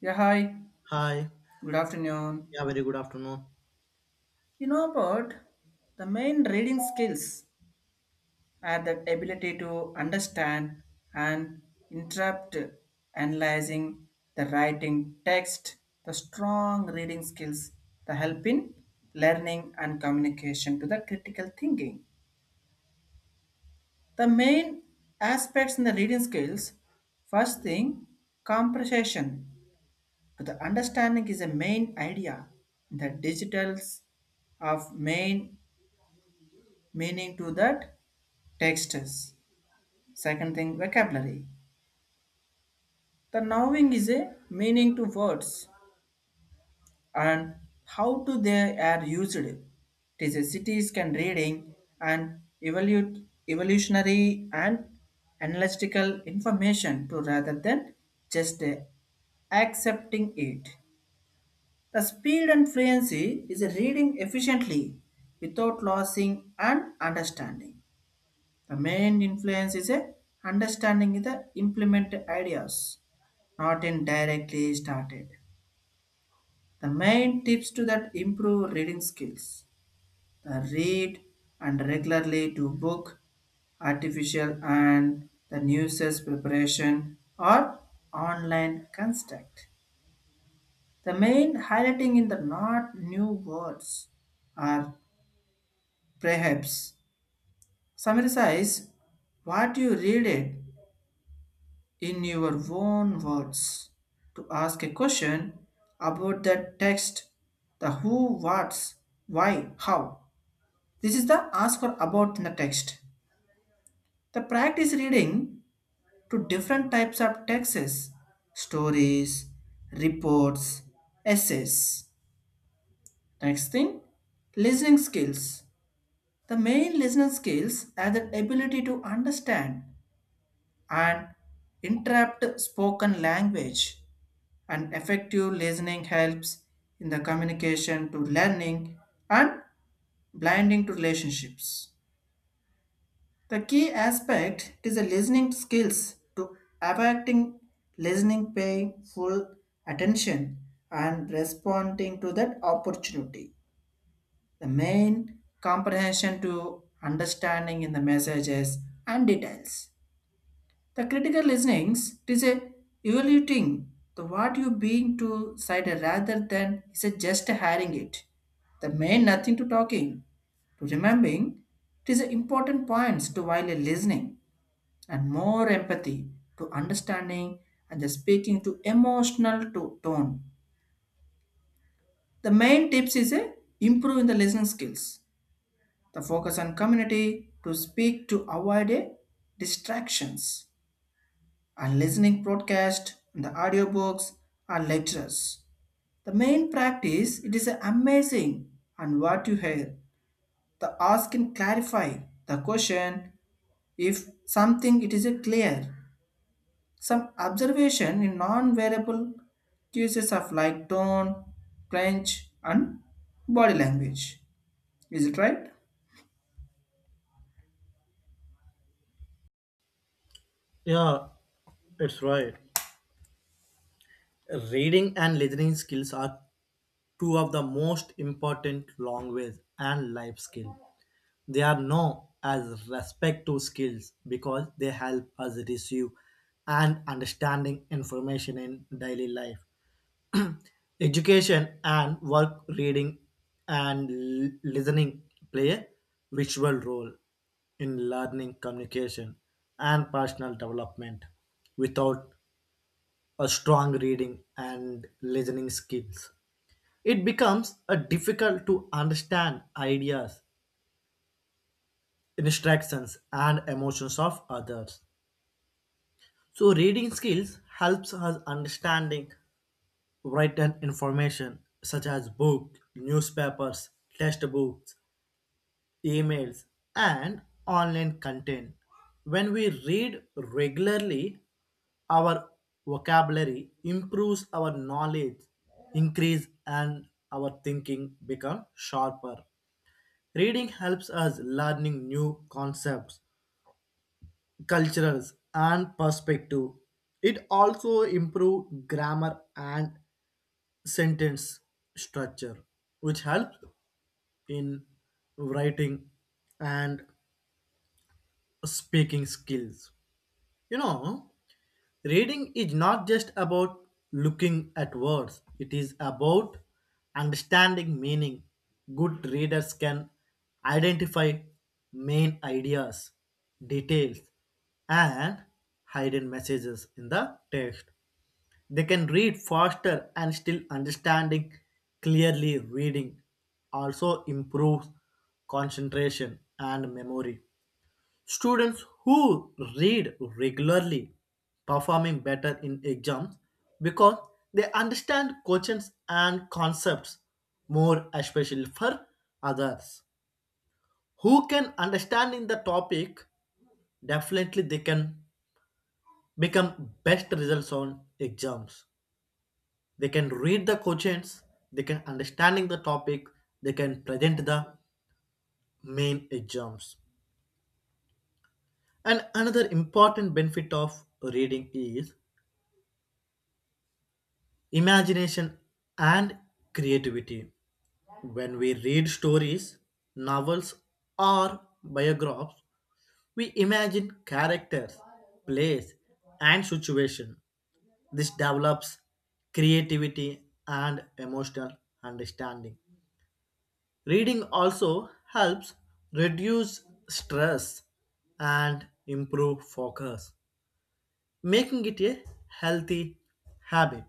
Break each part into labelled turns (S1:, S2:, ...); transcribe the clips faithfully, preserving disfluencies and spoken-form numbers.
S1: Yeah, hi.
S2: Hi.
S1: Good afternoon.
S2: Yeah, very good afternoon.
S1: You know about the main reading skills are the ability to understand and interpret, analyzing the writing text, the strong reading skills, the help in learning and communication to the critical thinking. The main aspects in the reading skills, first thing, comprehension. The understanding is a main idea. The digitals of main meaning to that texts. Second thing, vocabulary. The knowing is a meaning to words and how to they are used. It is a cities can reading and evolute evolutionary and analytical information to rather than just uh, accepting it. The speed and fluency is reading efficiently without losing and understanding. The main influence is a understanding the implemented ideas, not in directly started. The main tips to that improve reading skills. The read and regularly to book, artificial and the newses preparation or online construct. The main highlighting in the not new words are perhaps summarize what you read it in your own words to ask a question about that text, the who, what's, why, how. This is the ask or about in the text. The practice reading to different types of texts, stories, reports, essays. Next thing, listening skills. The main listening skills are the ability to understand and interrupt spoken language and effective listening helps in the communication to learning and blinding to relationships, the key aspect is the listening skills to affecting listening paying full attention and responding to that opportunity, the main comprehension to understanding in the messages and details. The critical listenings is a evaluating the what you being to side rather than is a just hearing it. The main nothing to talking to remembering it is a important points to while a listening and more empathy to understanding and the speaking to emotional to tone. The main tips is a improve in the listening skills. The focus on community to speak to avoid a distractions and listening broadcast and the audiobooks and lectures. The main practice it is amazing and what you hear. The ask and clarify the question if something it is a clear. Some observation in non-variable uses of like tone, clench and body language. Is it right?
S2: Yeah, it's right. Reading and listening skills are two of the most important language and life skill. They are known as respect to skills because they help us receive and understanding information in daily life. Education and work reading and l- listening play a visual role in learning, communication, and personal development. Without a strong reading and listening skills, it becomes a difficult to understand ideas, instructions, and emotions of others. So, reading skills helps us understanding written information such as book, newspapers, textbooks, emails, and online content. When we read regularly, our vocabulary improves our knowledge, increase and our thinking become sharper. Reading helps us learning new concepts, cultures and perspective. It also improve grammar and sentence structure, which helps in writing and speaking skills. You know, reading is not just about looking at words, it is about understanding meaning. Good readers can identify main ideas, details, and hidden messages in the text. They can read faster and still understanding clearly. Reading also improves concentration and memory. Students who read regularly performing better in exams because they understand questions and concepts more especially for others who can understand in the topic definitely they can become best results on exams. They can read the questions, they can understanding the topic, they can present the main exams. And another important benefit of reading is imagination and creativity. When we read stories, novels, or biographies, we imagine characters, place, and situation. This develops creativity and emotional understanding. Reading also helps reduce stress and improve focus, making it a healthy habit.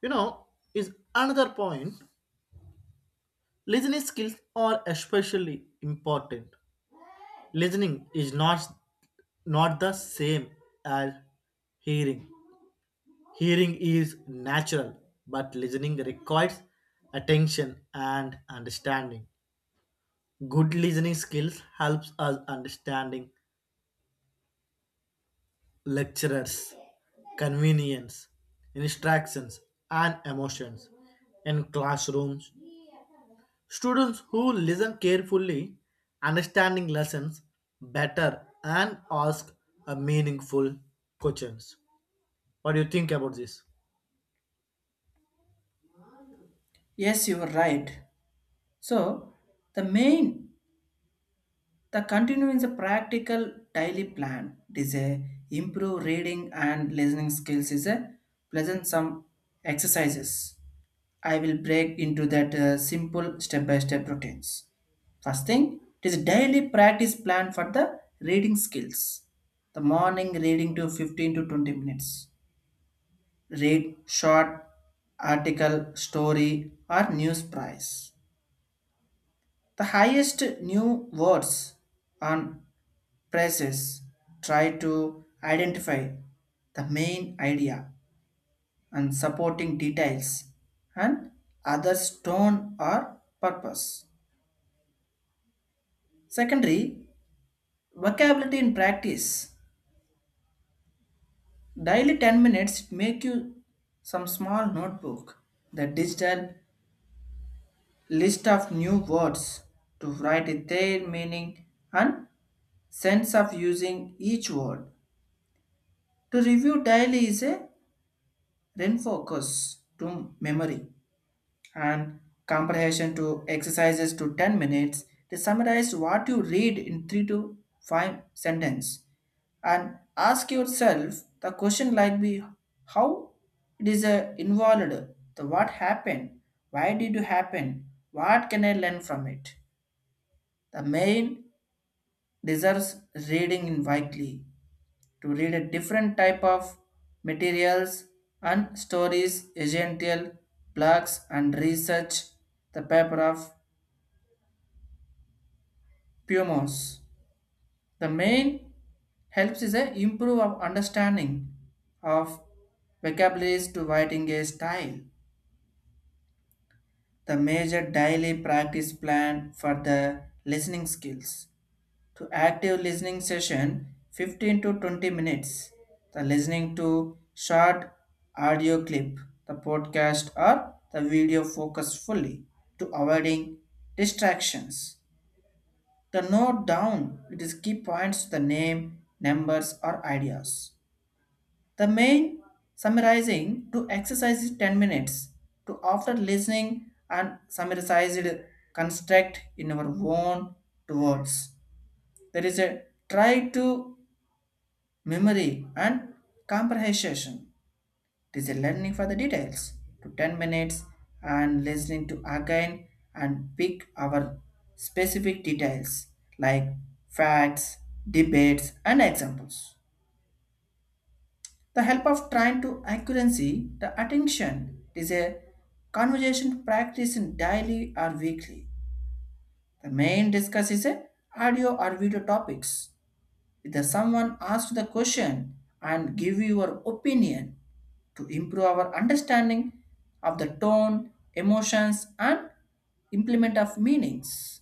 S2: You know, is another point. Listening skills are especially important. Listening is not not the same as hearing. Hearing is natural, but listening requires attention and understanding. Good listening skills helps us understanding lecturers, convenience, instructions, and emotions in classrooms. Students who listen carefully, understanding lessons better, and ask a meaningful questions. What do you think about this?
S1: Yes, you are right. So the main, the continuing the practical daily plan is a improve reading and listening skills is a pleasant some exercises. I will break into that uh, simple step by step routines. First thing, it is a daily practice plan for the reading skills. The morning reading to fifteen to twenty minutes. Read short article, story, or news prize. The highest new words on prices, try to identify the main idea and supporting details and other tone or purpose. Secondary, vocabulary in practice. Daily ten minutes make you some small notebook, the digital list of new words to write their meaning and sense of using each word. To review daily is a refocus to memory and comprehension to exercises to ten minutes to summarize what you read in three to five sentences and ask yourself the question like be how it is uh, involved, the what happened, why did it happen, what can I learn from it, the main deserves reading in weekly to read a different type of materials and stories essential blogs and research the paper of Pumas. The main helps is a improve of understanding of vocabularies to writing a style. The major daily practice plan for the listening skills. To active listening session fifteen to twenty minutes. The listening to short audio clip, the podcast or the video focus fully to avoiding distractions. The note down it is key points to the name, numbers, or ideas. The main summarizing to exercise is ten minutes to after listening and summarized construct in our own words. There is a try to memory and comprehension. It is a learning for the details to ten minutes and listening to again and pick our specific details like facts, debates, and examples. The help of trying to accuracy the attention is a conversation practice in daily or weekly. The main discuss is a audio or video topics, the someone asks the question and give your opinion to improve our understanding of the tone emotions and implement of meanings,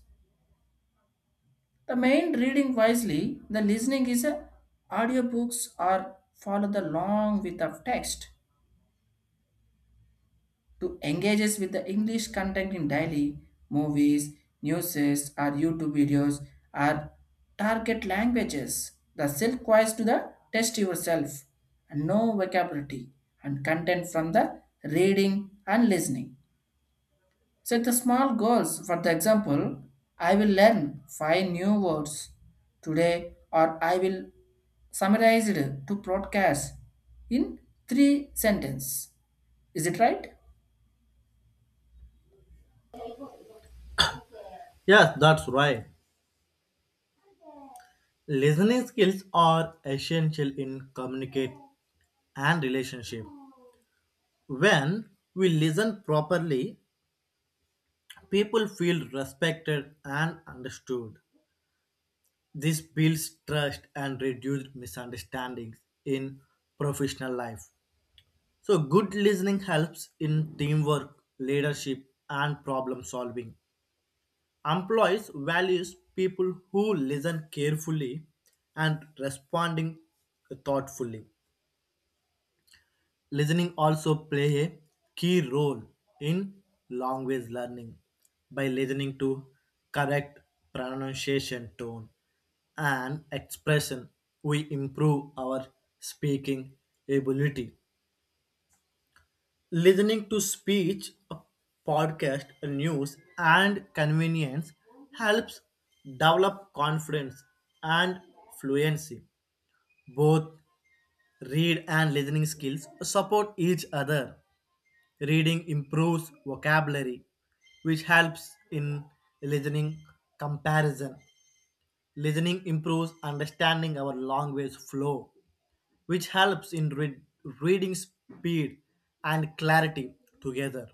S1: the main reading wisely the listening is a audiobooks or follow the long with of text to engages with the English content in daily movies, news, or YouTube videos or target languages. The self quiz to the test yourself and no vocabulary and content from the reading and listening. Set the small goals. For the example, I will learn five new words today or I will summarize it to broadcast in three sentences. Is it right?
S2: Yes, that's right. Listening skills are essential in communicate and relationship. When we listen properly, people feel respected and understood. This builds trust and reduces misunderstandings in professional life. So, good listening helps in teamwork, leadership, and problem solving. Employees values people who listen carefully and responding thoughtfully. Listening also play a key role in language learning by listening to correct pronunciation tone and expression we improve our speaking ability. Listening to speech, a podcast, a news, and convenience helps develop confidence and fluency. Both read and listening skills support each other. Reading improves vocabulary, which helps in listening comparison. Listening improves understanding our language flow, which helps in read- reading speed and clarity together.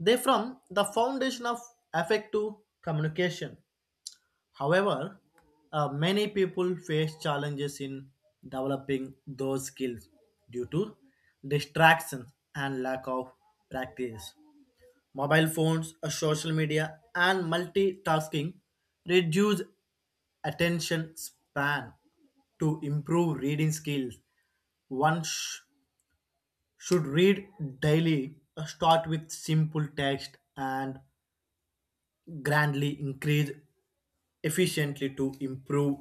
S2: They form the foundation of affective communication. However, uh, many people face challenges in developing those skills due to distractions and lack of practice. Mobile phones, uh, social media, and multitasking reduce attention span. To improve reading skills, one sh- should read daily, uh, start with simple text and grandly increase efficiently to improve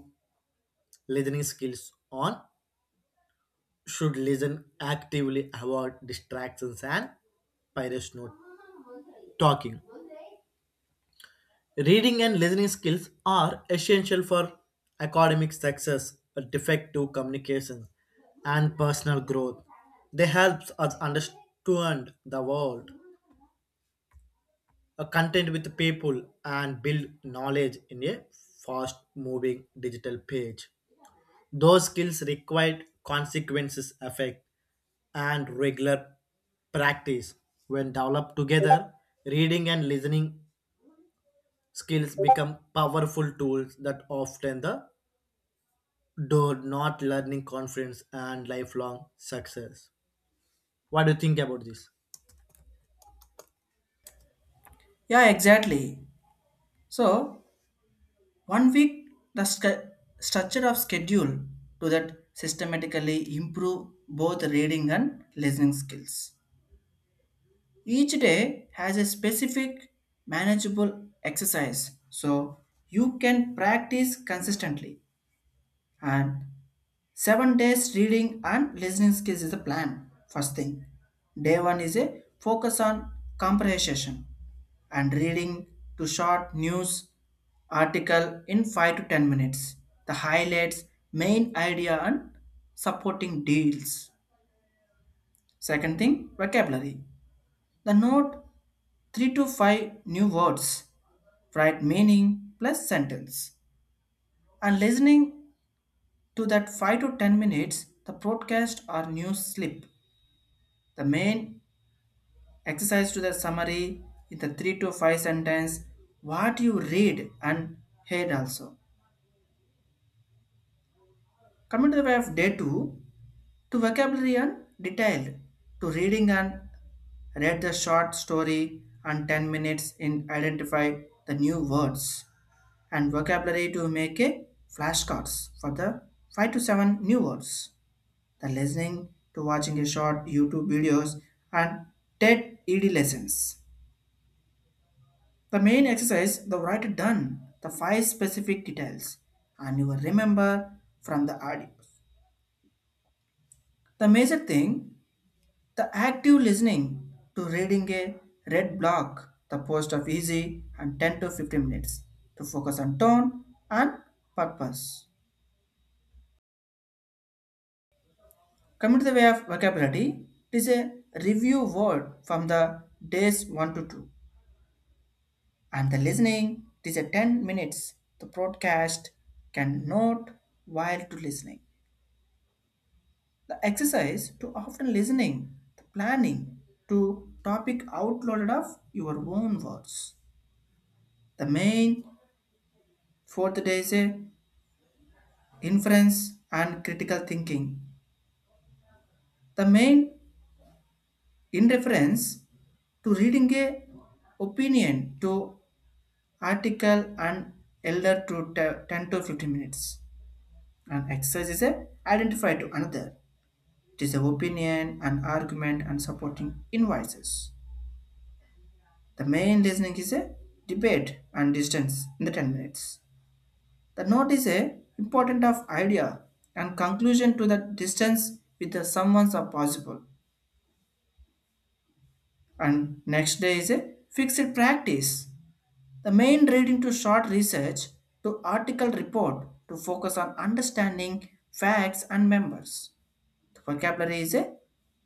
S2: listening skills on should listen actively, avoid distractions and not talking. Reading and listening skills are essential for academic success, effective communication and personal growth. They help us understand the world, a content with the people and build knowledge in a fast moving digital page. Those skills require consequences effect and regular practice. When developed together, reading and listening skills become powerful tools that often the do not learning confidence and lifelong success. What do you think about this?
S1: Yeah, exactly. So, one week, the sc- structure of schedule to that systematically improve both reading and listening skills. Each day has a specific manageable exercise, so you can practice consistently and Seven days reading and listening skills is the plan. First thing, day one is a focus on comprehension and reading to short news article in five to ten minutes. The highlights, main idea, and supporting deals. Second thing, vocabulary. The note three to five new words, write meaning plus sentence, and listening to that five to ten minutes. The broadcast or news slip, the main exercise to the summary in the three to five sentence what you read and heard also. Coming to the way of day two, to vocabulary and detailed, to reading and read the short story and ten minutes in identify the new words and vocabulary to make a flashcards for the five to seven new words. The listening to watching a short YouTube videos and TED ED lessons. The main exercise, the write done, the five specific details, and you will remember from the audio. The major thing, the active listening to reading a red block, the post of easy and ten to fifteen minutes to focus on tone and purpose. Coming to the way of vocabulary, it is a review word from the days one to two. And the listening, it is a ten minutes. The broadcast can note while to listening. The exercise to often listening, the planning to topic outloaded of your own words. The main fourth day is a inference and critical thinking. The main in reference to reading a opinion to article and elder to te- ten to fifteen minutes. And exercise is a identify to another. It is a opinion, an argument, and supporting invoices. The main reasoning is a debate and distance in the ten minutes. The note is a important of idea and conclusion to the distance with the someone's are possible. And next day is a fixed practice. The main reading to short research to article report to focus on understanding facts and members. The vocabulary is a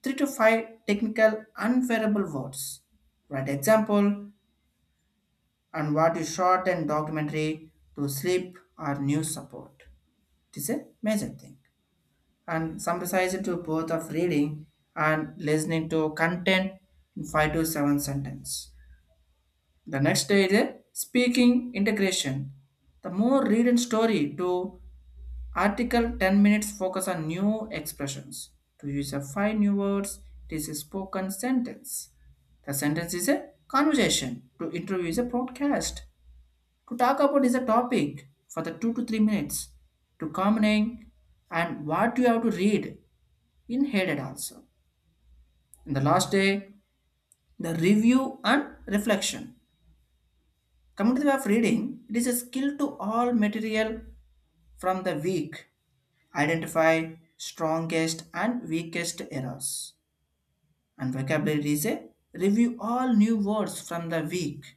S1: three to five technical unfavorable words. For example, and what you shot and documentary to sleep or news support. It is a major thing. And some precise to both of reading and listening to content in five to seven sentence. The next day is a speaking integration. The more read and story to article ten minutes focus on new expressions. To use a five new words, it is a spoken sentence. The sentence is a conversation. To interview is a broadcast to talk about is a topic for the two to three minutes to commenting and what you have to read in headed also. In the last day, the review and reflection. Coming to the way of reading, it is a skill to all material from the week. Identify strongest and weakest errors. And vocabulary is a review all new words from the week.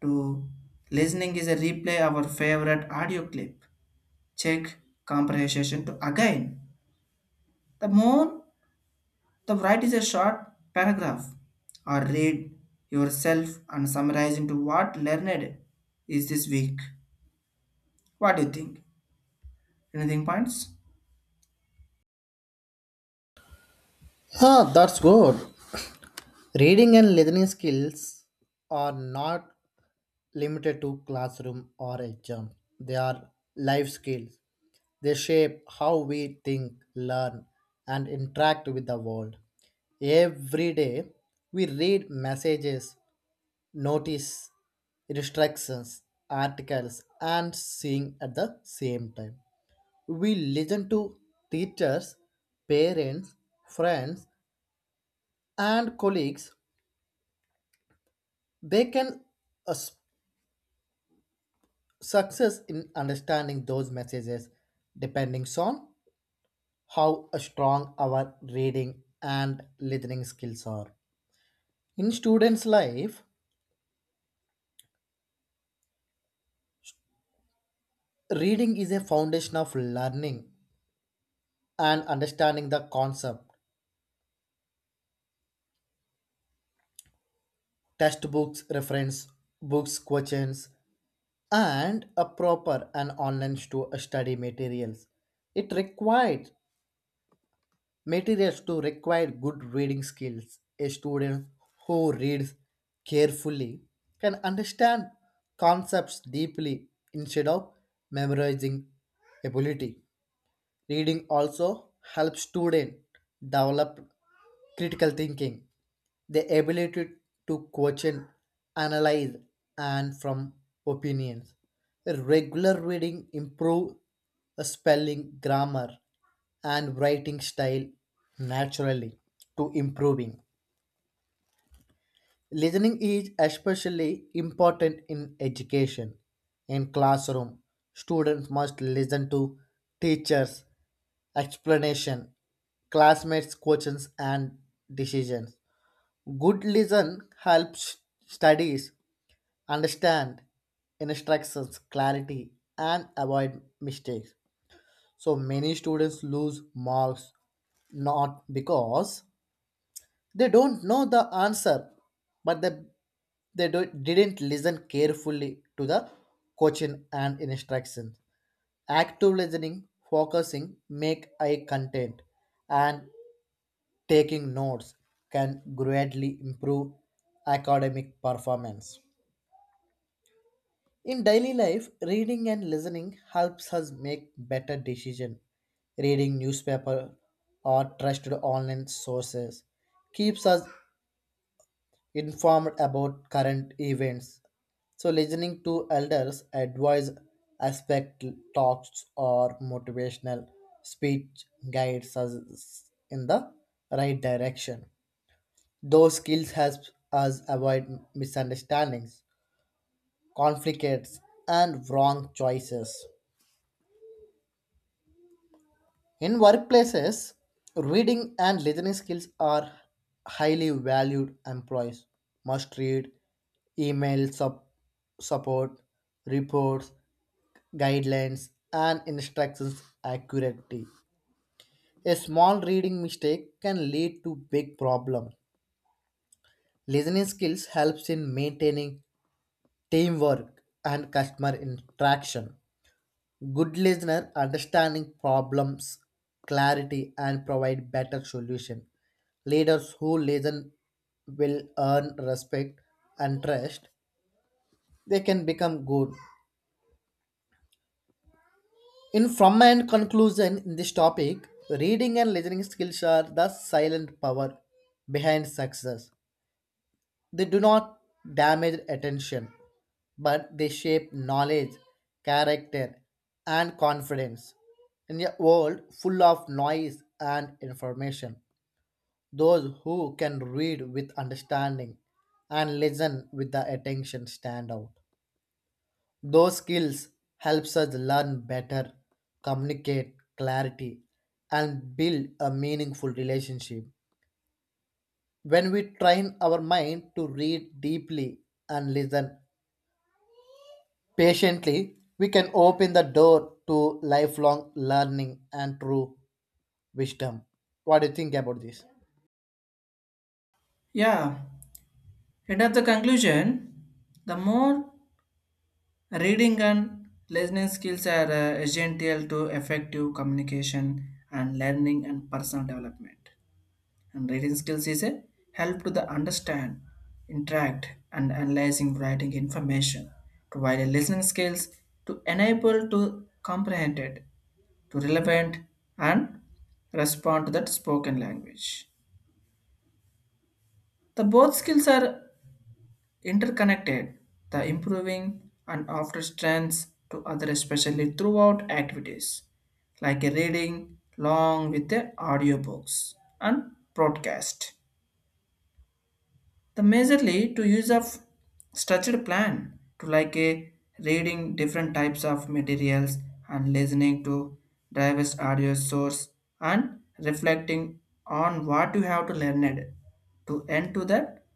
S1: To listening is a replay our favorite audio clip, check comprehension to again. The more the write is a short paragraph or read yourself and summarize into what learned is this week. What do you think? Anything points?
S2: Huh, that's good. Reading and listening skills are not limited to classroom or exam. They are life skills. They shape how we think, learn, and interact with the world. Every day, we read messages, notice instructions, articles, and sing at the same time. We listen to teachers, parents, friends, and colleagues. They can uh, s- success in understanding those messages depending on how strong our reading and listening skills are. In students' life, reading is a foundation of learning and understanding the concept. Textbooks, reference books, questions, and a proper and online stu- study materials. It required. Materials too require good reading skills. A student who reads carefully can understand concepts deeply instead of memorizing ability. Reading also helps students develop critical thinking, the ability to question, analyze, and from opinions. Regular reading improve spelling, grammar, and writing style naturally to improving. Listening is especially important in education. In classroom, students must listen to teachers' explanation, classmates' questions and decisions. Good listen helps studies understand instructions, clarity, and avoid mistakes. So many students lose marks not because they don't know the answer, but they, they do, didn't listen carefully to the coaching and instructions. Active listening, focusing, make eye contact, and taking notes can greatly improve academic performance. In daily life, reading and listening helps us make better decisions. Reading newspaper or trusted online sources keeps us informed about current events. So, listening to elders' advice, aspect talks, or motivational speech guides us in the right direction. Those skills help us avoid misunderstandings, conflicts, and wrong choices. In workplaces, reading and listening skills are highly valued. Employees must read email sup- support, reports, guidelines, and instructions accurately. A small reading mistake can lead to big problems. Listening skills helps in maintaining teamwork and customer interaction. Good listener understanding problems, clarity, and provide better solution. Leaders who listen will earn respect and trust. They can become good. In from and conclusion in this topic, reading and listening skills are the silent power behind success. They do not damage attention, but they shape knowledge, character, and confidence. In a world full of noise and information, those who can read with understanding and listen with the attention stand out. Those skills helps us learn better, communicate clarity, and build a meaningful relationship. When we train our mind to read deeply and listen patiently, we can open the door to lifelong learning and true wisdom. What do you think about this?
S1: Yeah. And at the conclusion, the more reading and listening skills are uh, essential to effective communication and learning and personal development. And reading skills is a help to the understand, interact, and analyzing writing information, provide a listening skills to enable to comprehend it, to relevant and respond to that spoken language. The both skills are interconnected, the improving and after strengths to other especially throughout activities like a reading long with the audiobooks and broadcast. The majorly to use of structured plan to like a reading different types of materials and listening to diverse audio source and reflecting on what you have to learn it to end to that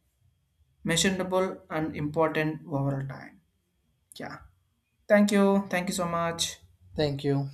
S1: measurable and important overall time. Yeah, thank you, thank you so much.
S2: Thank you.